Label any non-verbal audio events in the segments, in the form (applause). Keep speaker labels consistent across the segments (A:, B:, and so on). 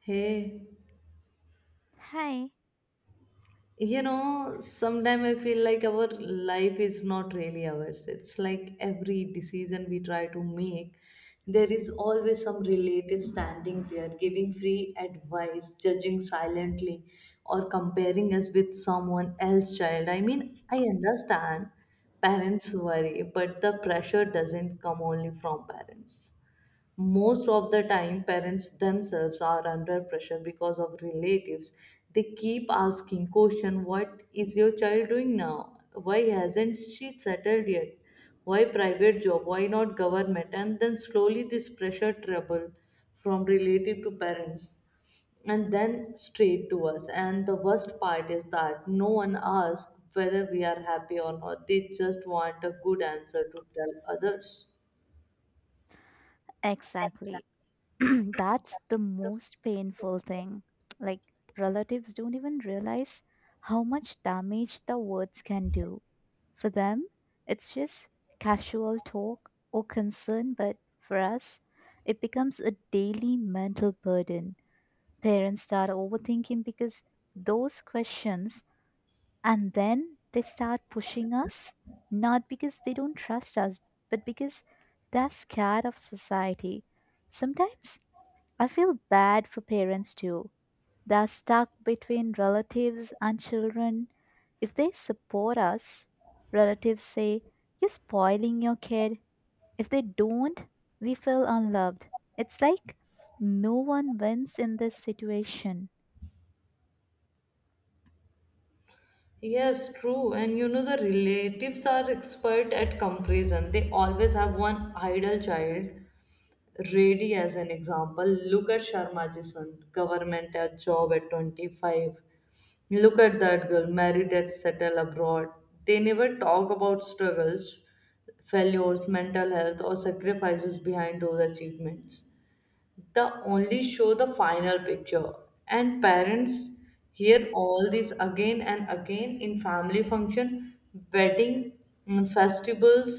A: Hey,
B: Hi.
A: you know, sometimes I feel like our life is not really ours. It's like every decision we try to make, there is always some relative standing there, giving free advice, judging silently, or comparing us with someone else's child. I mean, I understand parents worry, but the pressure doesn't come only from parents. Most of the time parents themselves are under pressure because of relatives. They keep asking question, what is your child doing now, why hasn't she settled yet, why private job, why not government? And then slowly this pressure trouble from relative to parents and then straight to us. And the worst part is that no one asks whether we are happy or not. They just want a good answer to tell others.
B: Exactly. (clears throat) That's the most painful thing. Like, relatives don't even realize how much damage the words can do. For them, it's just casual talk or concern, but for us, it becomes a daily mental burden. Parents start overthinking because those questions. And then they start pushing us, not because they don't trust us, but because they're scared of society. Sometimes I feel bad for parents too. They're stuck between relatives and children. If they support us, relatives say, you're spoiling your kid. If they don't, we feel unloved. It's like no one wins in this situation.
A: Yes, true. And you know, the relatives are expert at comparison. They always have one idol child ready as an example. Look at Sharma son, government at job at 25. Look at that girl, married at settle abroad. They never talk about struggles, failures, mental health, or sacrifices behind those achievements. The only show the final picture, and parents hear all this again and again in family function, wedding, festivals,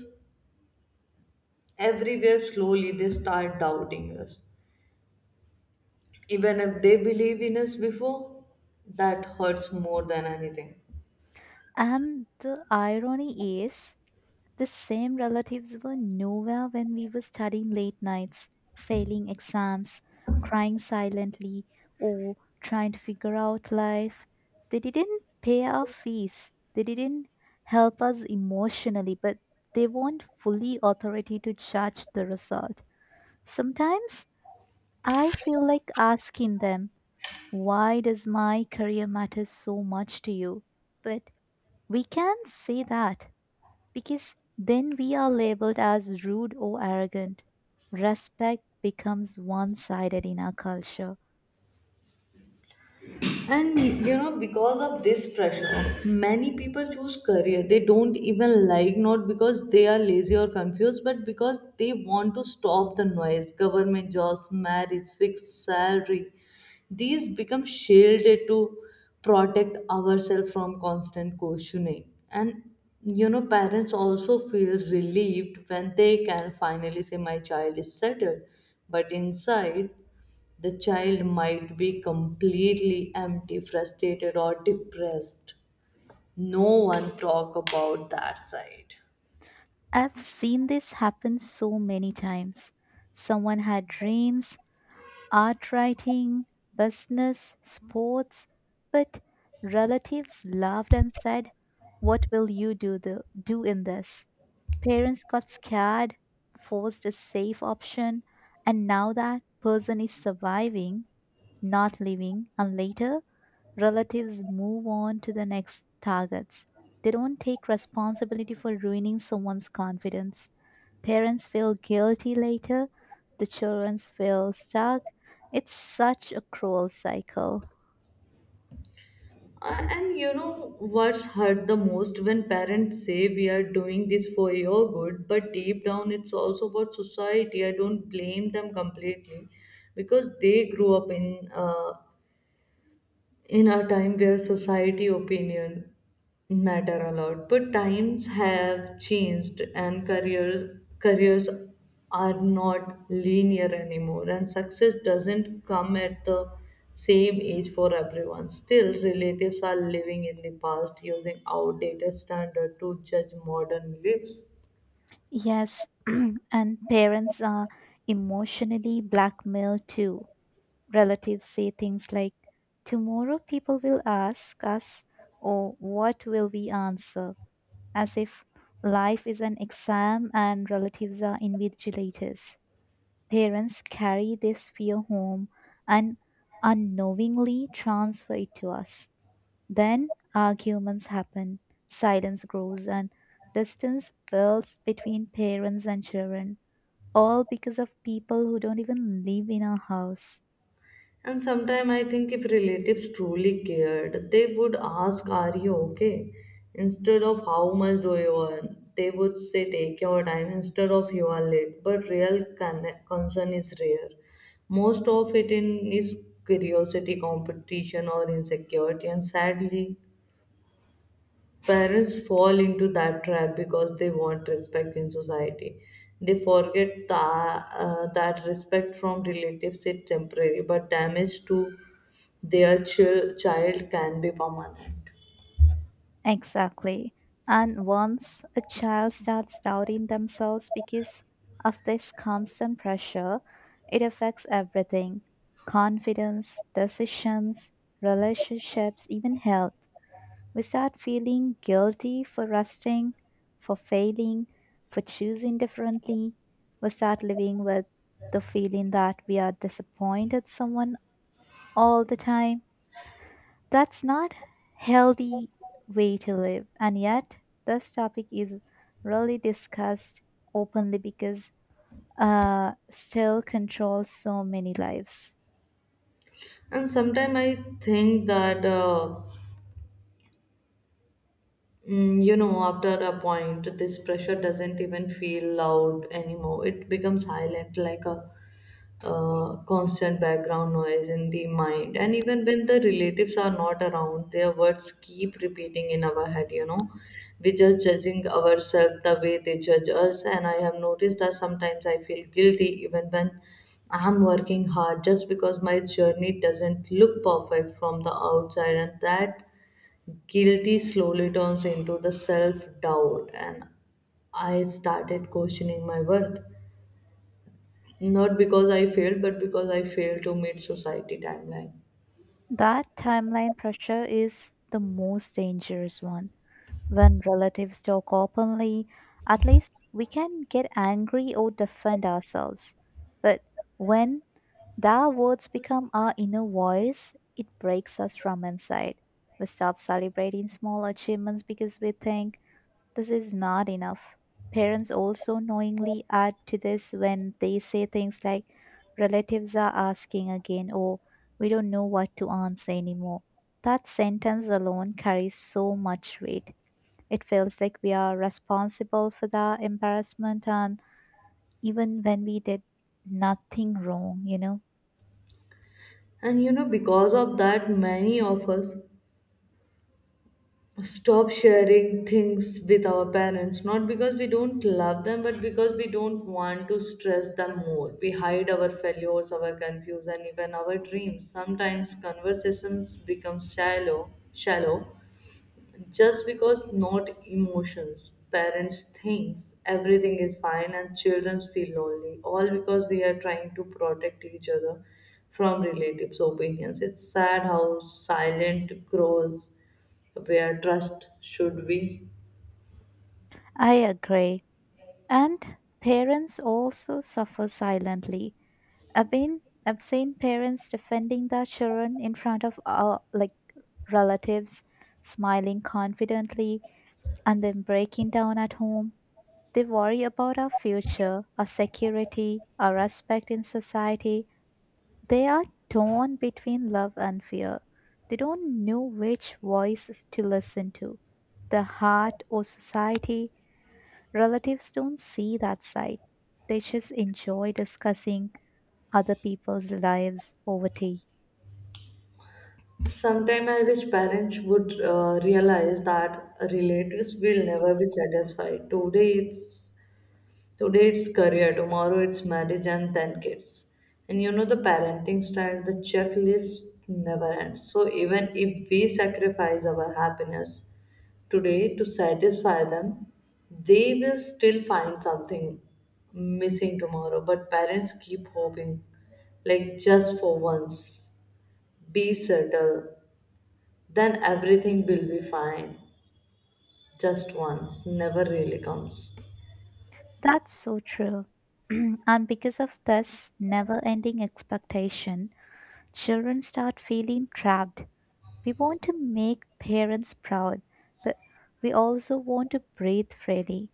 A: everywhere. Slowly they start doubting us, even if they believe in us before. That hurts more than anything.
B: And the irony is, the same relatives were nowhere when we were studying late nights, failing exams, crying silently, or trying to figure out life. They didn't pay our fees, they didn't help us emotionally, but they weren't fully authority to judge the result. Sometimes I feel like asking them, why does my career matter so much to you? But we can't say that because then we are labeled as rude or arrogant. Respect becomes one sided in our culture.
A: And you know, because of this pressure, many people choose career they don't even like, not because they are lazy or confused, but because they want to stop the noise. Government jobs, marriage, fixed salary, these become shielded to protect ourselves from constant questioning. And you know, parents also feel relieved when they can finally say, My child is settled. But inside, the child might be completely empty, frustrated, or depressed. No one talk about that side.
B: I've seen this happen so many times. Someone had dreams, art writing, business, sports, but relatives laughed and said, what will you do, do in this? Parents got scared, forced a safe option, and now that person is surviving not living, and later relatives move on to the next targets. They don't take responsibility for ruining someone's confidence. Parents feel guilty later, the children feel stuck. It's such a cruel cycle.
A: And you know what's hurt the most when parents say we are doing this for your good, but deep down it's also about society. I don't blame them completely because they grew up in in a time where society opinion matter a lot, but times have changed, and careers are not linear anymore, and success doesn't come at the same age for everyone. Still relatives are living in the past, using outdated standard to judge modern lives.
B: Yes, (clears throat) and parents are emotionally blackmailed too. Relatives say things like, tomorrow people will ask us, or what will we answer? As if life is an exam and relatives are invigilators. Parents carry this fear home and unknowingly transfer it to us. Then arguments happen, silence grows, and distance builds between parents and children, all because of people who don't even live in our house.
A: And sometimes I think if relatives truly cared, they would ask, Are you okay? Instead of how much do you earn, they would say, Take your time, instead of you are late. But real concern is rare. Most of it in is curiosity, competition, or insecurity. And sadly, parents fall into that trap because they want respect in society. They forget that respect from relatives is temporary, but damage to their child can be permanent.
B: Exactly. And once a child starts doubting themselves because of this constant pressure, it affects everything confidence, decisions, relationships, even health. We start feeling guilty for resting, for failing, for choosing differently. We start living with the feeling that we are disappointed someone all the time. That's not healthy way to live. And yet, this topic is rarely discussed openly because still controls so many lives.
A: And sometimes I think that. You know, after a point, this pressure doesn't even feel loud anymore. It becomes silent, like a constant background noise in the mind. And even when the relatives are not around, their words keep repeating in our head, you know. We just judging ourselves the way they judge us. And I have noticed that sometimes I feel guilty even when I'm working hard just because my journey doesn't look perfect from the outside, and that guilty slowly turns into the self doubt, and I started questioning my worth. Not because I failed, but because I failed to meet society timeline.
B: That timeline pressure is the most dangerous one. When relatives talk openly, at least we can get angry or defend ourselves. But when their words become our inner voice. It breaks us from inside. We stop celebrating small achievements because we think this is not enough. Parents also knowingly add to this when they say things like, relatives are asking again, or we don't know what to answer anymore. That sentence alone carries so much weight. It feels like we are responsible for the embarrassment and even when we did nothing wrong, you know.
A: And you know, because of that, many of us stop sharing things with our parents, not because we don't love them, but because we don't want to stress them more. We hide our failures, our confusion, even our dreams. Sometimes conversations become shallow just because not emotions. Parents thinks everything is fine and children feel lonely, all because we are trying to protect each other from relatives opinions. It's sad how silent grows where trust should be.
B: I agree. And parents also suffer silently. I've seen parents defending their children in front of like relatives, smiling confidently, and then breaking down at home. They worry about our future, our security, our respect in society. They are torn between love and fear. They don't know which voice to listen to, the heart or society. Relatives don't see that side. They just enjoy discussing other people's lives over tea.
A: Sometime I wish parents would realize that relatives will never be satisfied. Today it's career, tomorrow it's marriage, and then kids. And you know the parenting style, the checklist never ends. So even if we sacrifice our happiness today to satisfy them, they will still find something missing tomorrow. But parents keep hoping, like just for once, be settled, then everything will be fine. Just once, never really comes.
B: That's so true. (clears throat) And because of this never ending expectation, children start feeling trapped. We want to make parents proud, but we also want to breathe freely.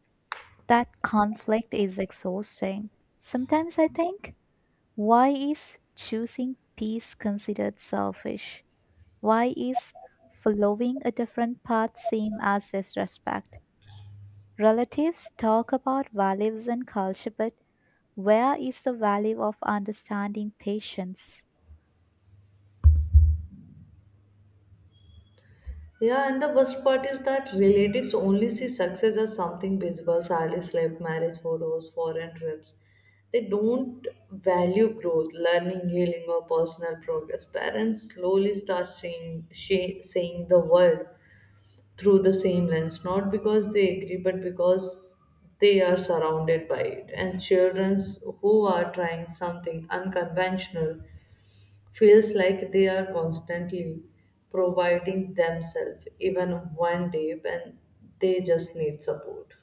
B: That conflict is exhausting. Sometimes I think, why is choosing peace considered selfish? Why is following a different path seen as disrespect? Relatives talk about values and culture, but where is the value of understanding patience?
A: Yeah, and the worst part is that relatives only see success as something visible, salaries, life, marriage photos, foreign trips. They don't value growth, learning, healing, or personal progress. Parents slowly start seeing the world through the same lens, not because they agree, but because they are surrounded by it. And children who are trying something unconventional feels like they are constantly providing themselves, even one day when they just need support.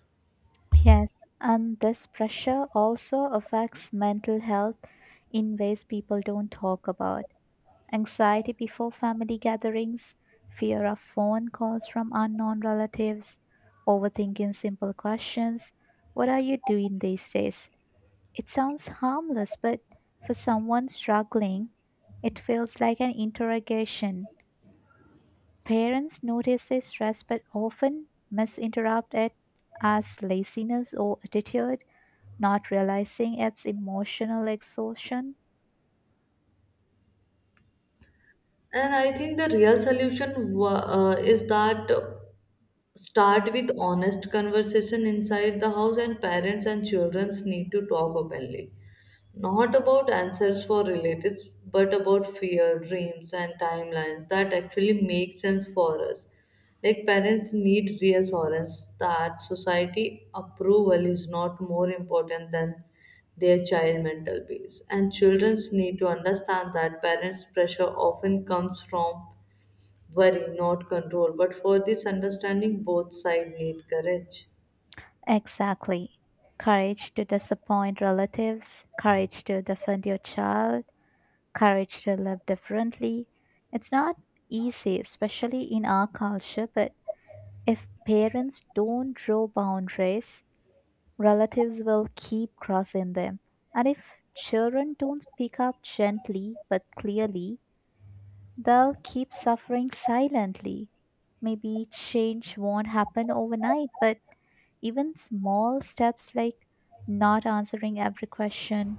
B: Yes, and this pressure also affects mental health in ways people don't talk about. Anxiety before family gatherings, fear of phone calls from unknown relatives, overthinking simple questions. What are you doing these days? It sounds harmless, but for someone struggling, it feels like an interrogation. Parents notice this stress but often misinterpret it as laziness or attitude, not realizing it's emotional exhaustion.
A: And I think the real solution is that start with honest conversation inside the house, and parents and children need to talk openly. Not about answers for relatives, but about fear, dreams, and timelines that actually make sense for us. Like parents need reassurance that society approval is not more important than their child mental peace. And children need to understand that parents' pressure often comes from worry, not control. But for this understanding, both sides need courage.
B: Exactly. Courage to disappoint relatives, courage to defend your child, courage to live differently. It's not easy, especially in our culture, but if parents don't draw boundaries, relatives will keep crossing them. And if children don't speak up gently but clearly, they'll keep suffering silently. Maybe change won't happen overnight, but even small steps like not answering every question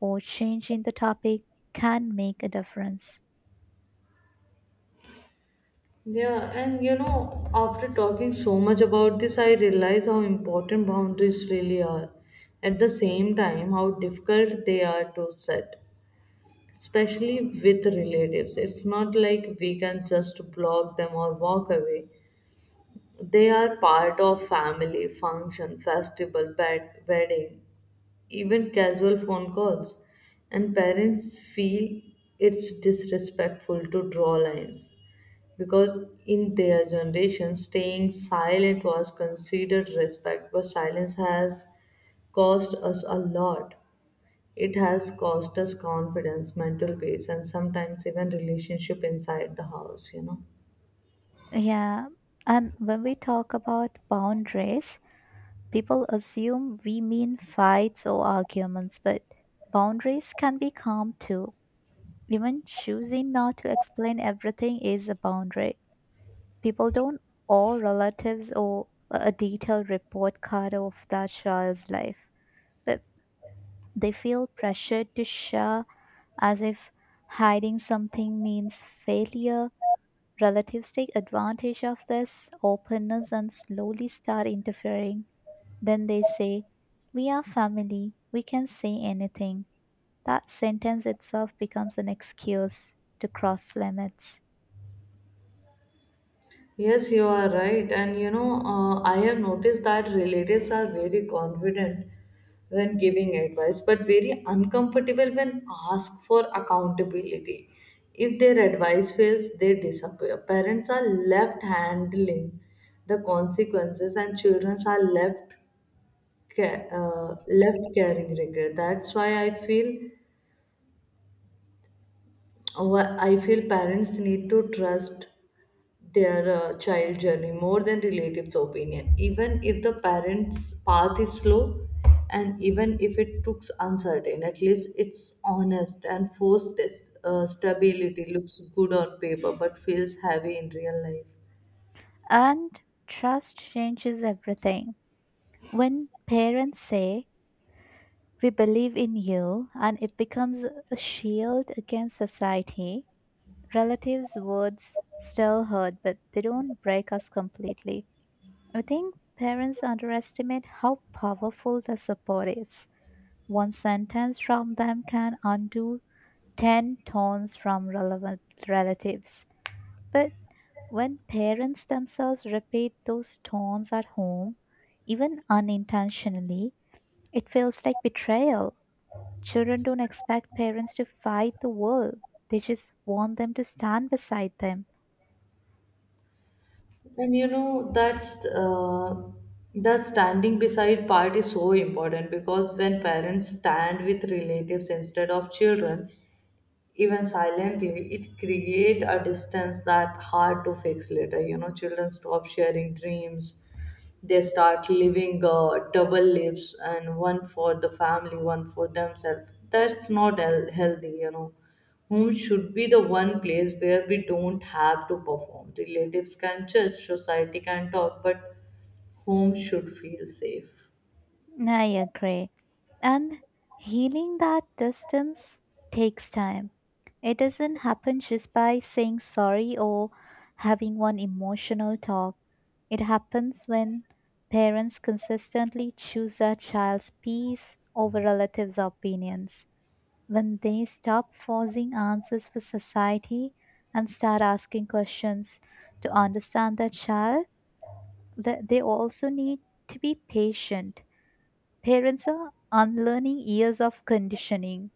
B: or changing the topic can make a difference.
A: Yeah, and you know, after talking so much about this, I realize how important boundaries really are. At the same time, how difficult they are to set, especially with relatives. It's not like we can just block them or walk away. They are part of family, function, festival, bed, wedding, even casual phone calls. And parents feel it's disrespectful to draw lines, because in their generation staying silent was considered respect. But silence has cost us a lot. It has cost us confidence, mental peace, and sometimes even relationship inside the house, you know.
B: Yeah, and when we talk about boundaries, people assume we mean fights or arguments, but boundaries can be calm too. Even choosing not to explain everything is a boundary. People don't owe relatives or a detailed report card of that child's life, but they feel pressured to share as if hiding something means failure. Relatives take advantage of this openness and slowly start interfering. Then they say, we are family, we can say anything. That sentence itself becomes an excuse to cross limits.
A: Yes, you are right. And you know, I have noticed that relatives are very confident when giving advice, but very uncomfortable when asked for accountability. If their advice fails, they disappear. Parents are left handling the consequences, and children are left left carrying regret. That's why I feel I feel parents need to trust their child journey more than relatives' opinion, even if the parents' path is slow and even if it looks uncertain. At least it's honest. And forced this, stability looks good on paper but feels heavy in real life.
B: And trust changes everything. When parents say, we believe in you, and it becomes a shield against society, relatives' words still hurt, but they don't break us completely. I think parents underestimate how powerful the support is. One sentence from them can undo 10 tones from relevant relatives. But when parents themselves repeat those tones at home, even unintentionally, it feels like betrayal. Children don't expect parents to fight the world, they just want them to stand beside them.
A: And you know that's the standing beside part is so important, because when parents stand with relatives instead of children, even silently, it create a distance that hard to fix later, you know. Children stop sharing dreams, they start living double lives, and one for the family, one for themselves. That's not healthy, you know. Home should be the one place where we don't have to perform. Relatives can judge, society can talk, but home should feel safe.
B: I agree. And healing that distance takes time. It doesn't happen just by saying sorry or having one emotional talk. It happens when parents consistently choose their child's peace over relatives' opinions, when they stop forcing answers for society and start asking questions to understand their child, that they also need to be patient. Parents are unlearning years of conditioning.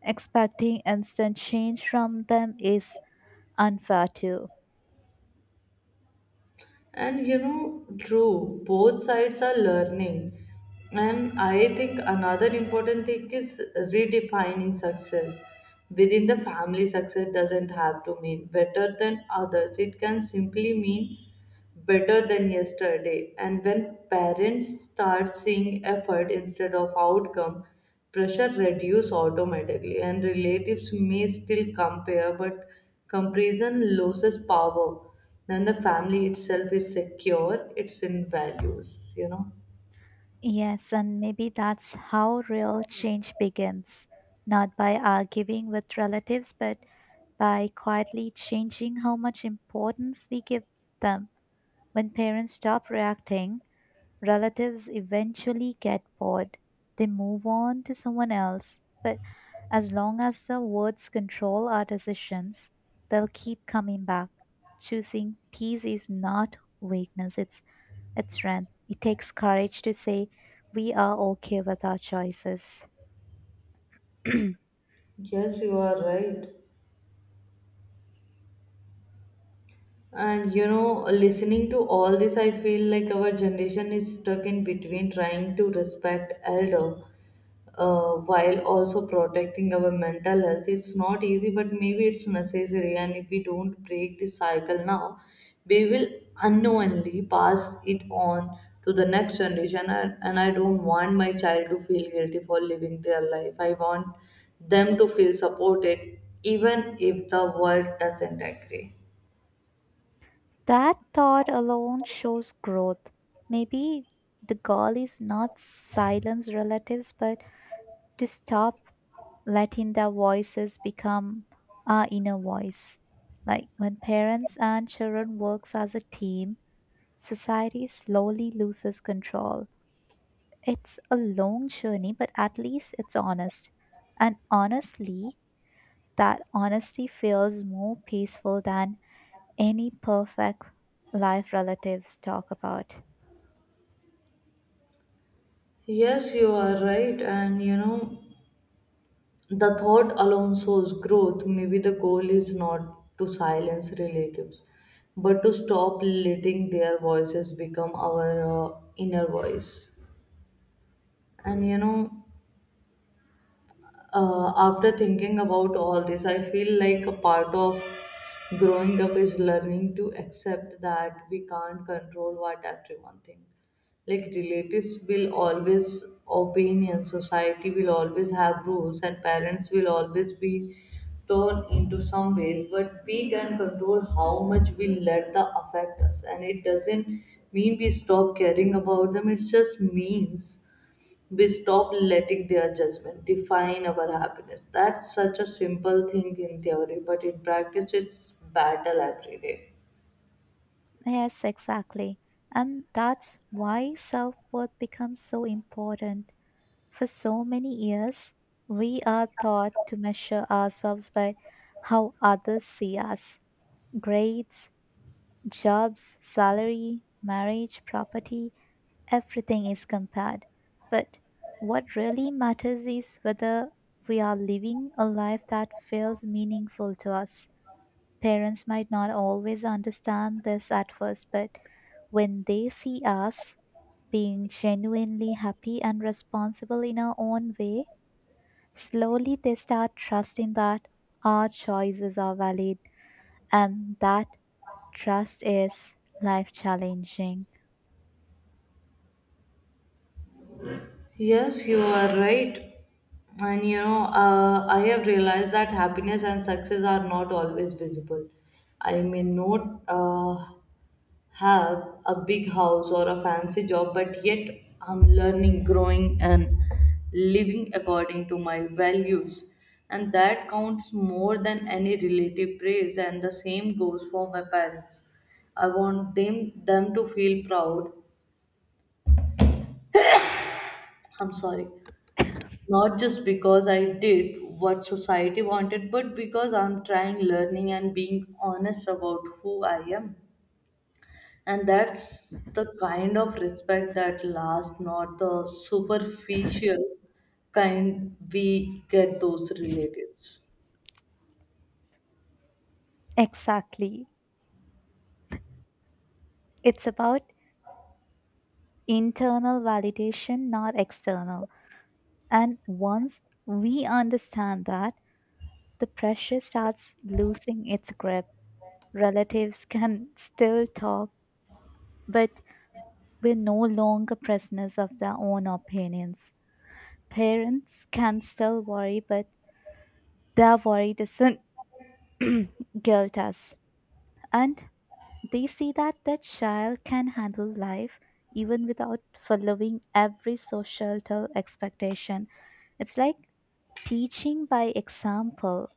B: Expecting instant change from them is unfair too.
A: And you know, true, both sides are learning. And I think another important thing is redefining success. Within the family, success doesn't have to mean better than others, it can simply mean better than yesterday. And when parents start seeing effort instead of outcome, pressure reduce automatically. And relatives may still compare, but comparison loses power. Then the family itself is secure, it's in values, you know.
B: Yes, and maybe that's how real change begins. Not by arguing with relatives, but by quietly changing how much importance we give them. When parents stop reacting, relatives eventually get bored, they move on to someone else, but as long as the words control our decisions, they'll keep coming back. Choosing peace is not weakness, it's strength. It takes courage to say we are okay with our choices. (clears throat)
A: Yes, you are right. And you know, listening to all this, I feel like our generation is stuck in between trying to respect elder, while also protecting our mental health. It's not easy, but maybe it's necessary. And if we don't break this cycle now, we will unknowingly pass it on to the next generation. And I don't want my child to feel guilty for living their life. I want them to feel supported, even if the world doesn't agree.
B: That thought alone shows growth. Maybe the goal is not silence relatives, but to stop letting their voices become our inner voice. Like when parents and children works as a team, society slowly loses control. It's a long journey, but at least it's honest. And honestly, that honesty feels more peaceful than any perfect life relatives talk about.
A: Yes, you are right. And you know, the thought alone shows growth. Maybe the goal is not to silence relatives, but to stop letting their voices become our inner voice. And you know, after thinking about all this, I feel like a part of growing up is learning to accept that we can't control what everyone thinks. Like relatives will always opinion, society will always have rules, and parents will always be torn into some ways. But we can control how much we let the affect us, and it doesn't mean we stop caring about them. It just means we stop letting their judgment define our happiness. That's such a simple thing in theory, but in practice, it's battle every day.
B: Yes, exactly. And that's why self worth becomes so important. For so many years, we are taught to measure ourselves by how others see us grades, jobs, salary, marriage, property, everything is compared. But what really matters is whether we are living a life that feels meaningful to us. Parents might not always understand this at first, but when they see us being genuinely happy and responsible in our own way, slowly, they start trusting that our choices are valid and that trust is life challenging.
A: Yes, you are right. And you know, I have realized that happiness and success are not always visible. I may not have a big house or a fancy job, but yet I'm learning, growing, and living according to my values. And that counts more than any relative praise, and the same goes for my parents. I want them to feel proud. I'm sorry. Not just because I did what society wanted, but because I'm trying learning and being honest about who I am. And that's the kind of respect that lasts, not the superficial kind we get those relatives.
B: Exactly. It's about internal validation, not external. And once we understand that, the pressure starts losing its grip. Relatives can still talk, but we're no longer prisoners of their own opinions. Parents can still worry, but their worry doesn't guilt us and they see that the child can handle life even without following every societal expectation. It's like teaching by example.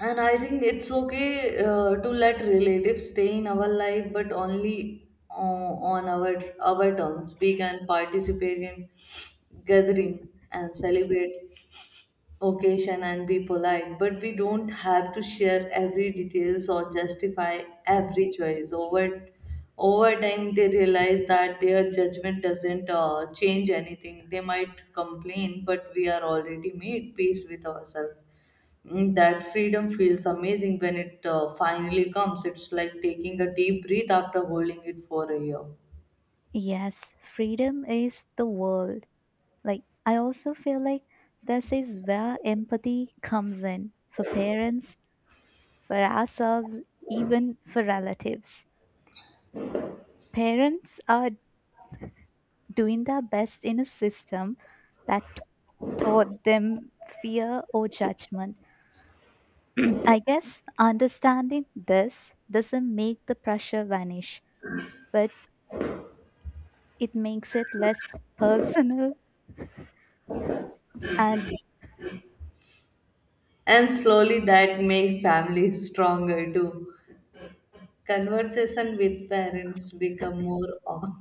A: And I think it's okay to let relatives stay in our life, but only on our terms. We can participate in gathering and celebrate occasion and be polite, but we don't have to share every details or justify every choice. Over time they realize that their judgment doesn't change anything. They might complain, but we are already made peace with ourselves. That freedom feels amazing when it finally comes. It's like taking a deep breath after holding it for a year.
B: Yes, freedom is the world. Like I also feel like this is where empathy comes in for parents, for ourselves, even for relatives. Parents are doing their best in a system that taught them fear or judgment. I guess understanding this doesn't make the pressure vanish, but it makes it less personal and
A: And slowly that makes families (laughs) stronger too. Conversation with parents become more.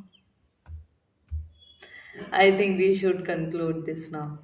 A: (laughs) I think we should conclude this now.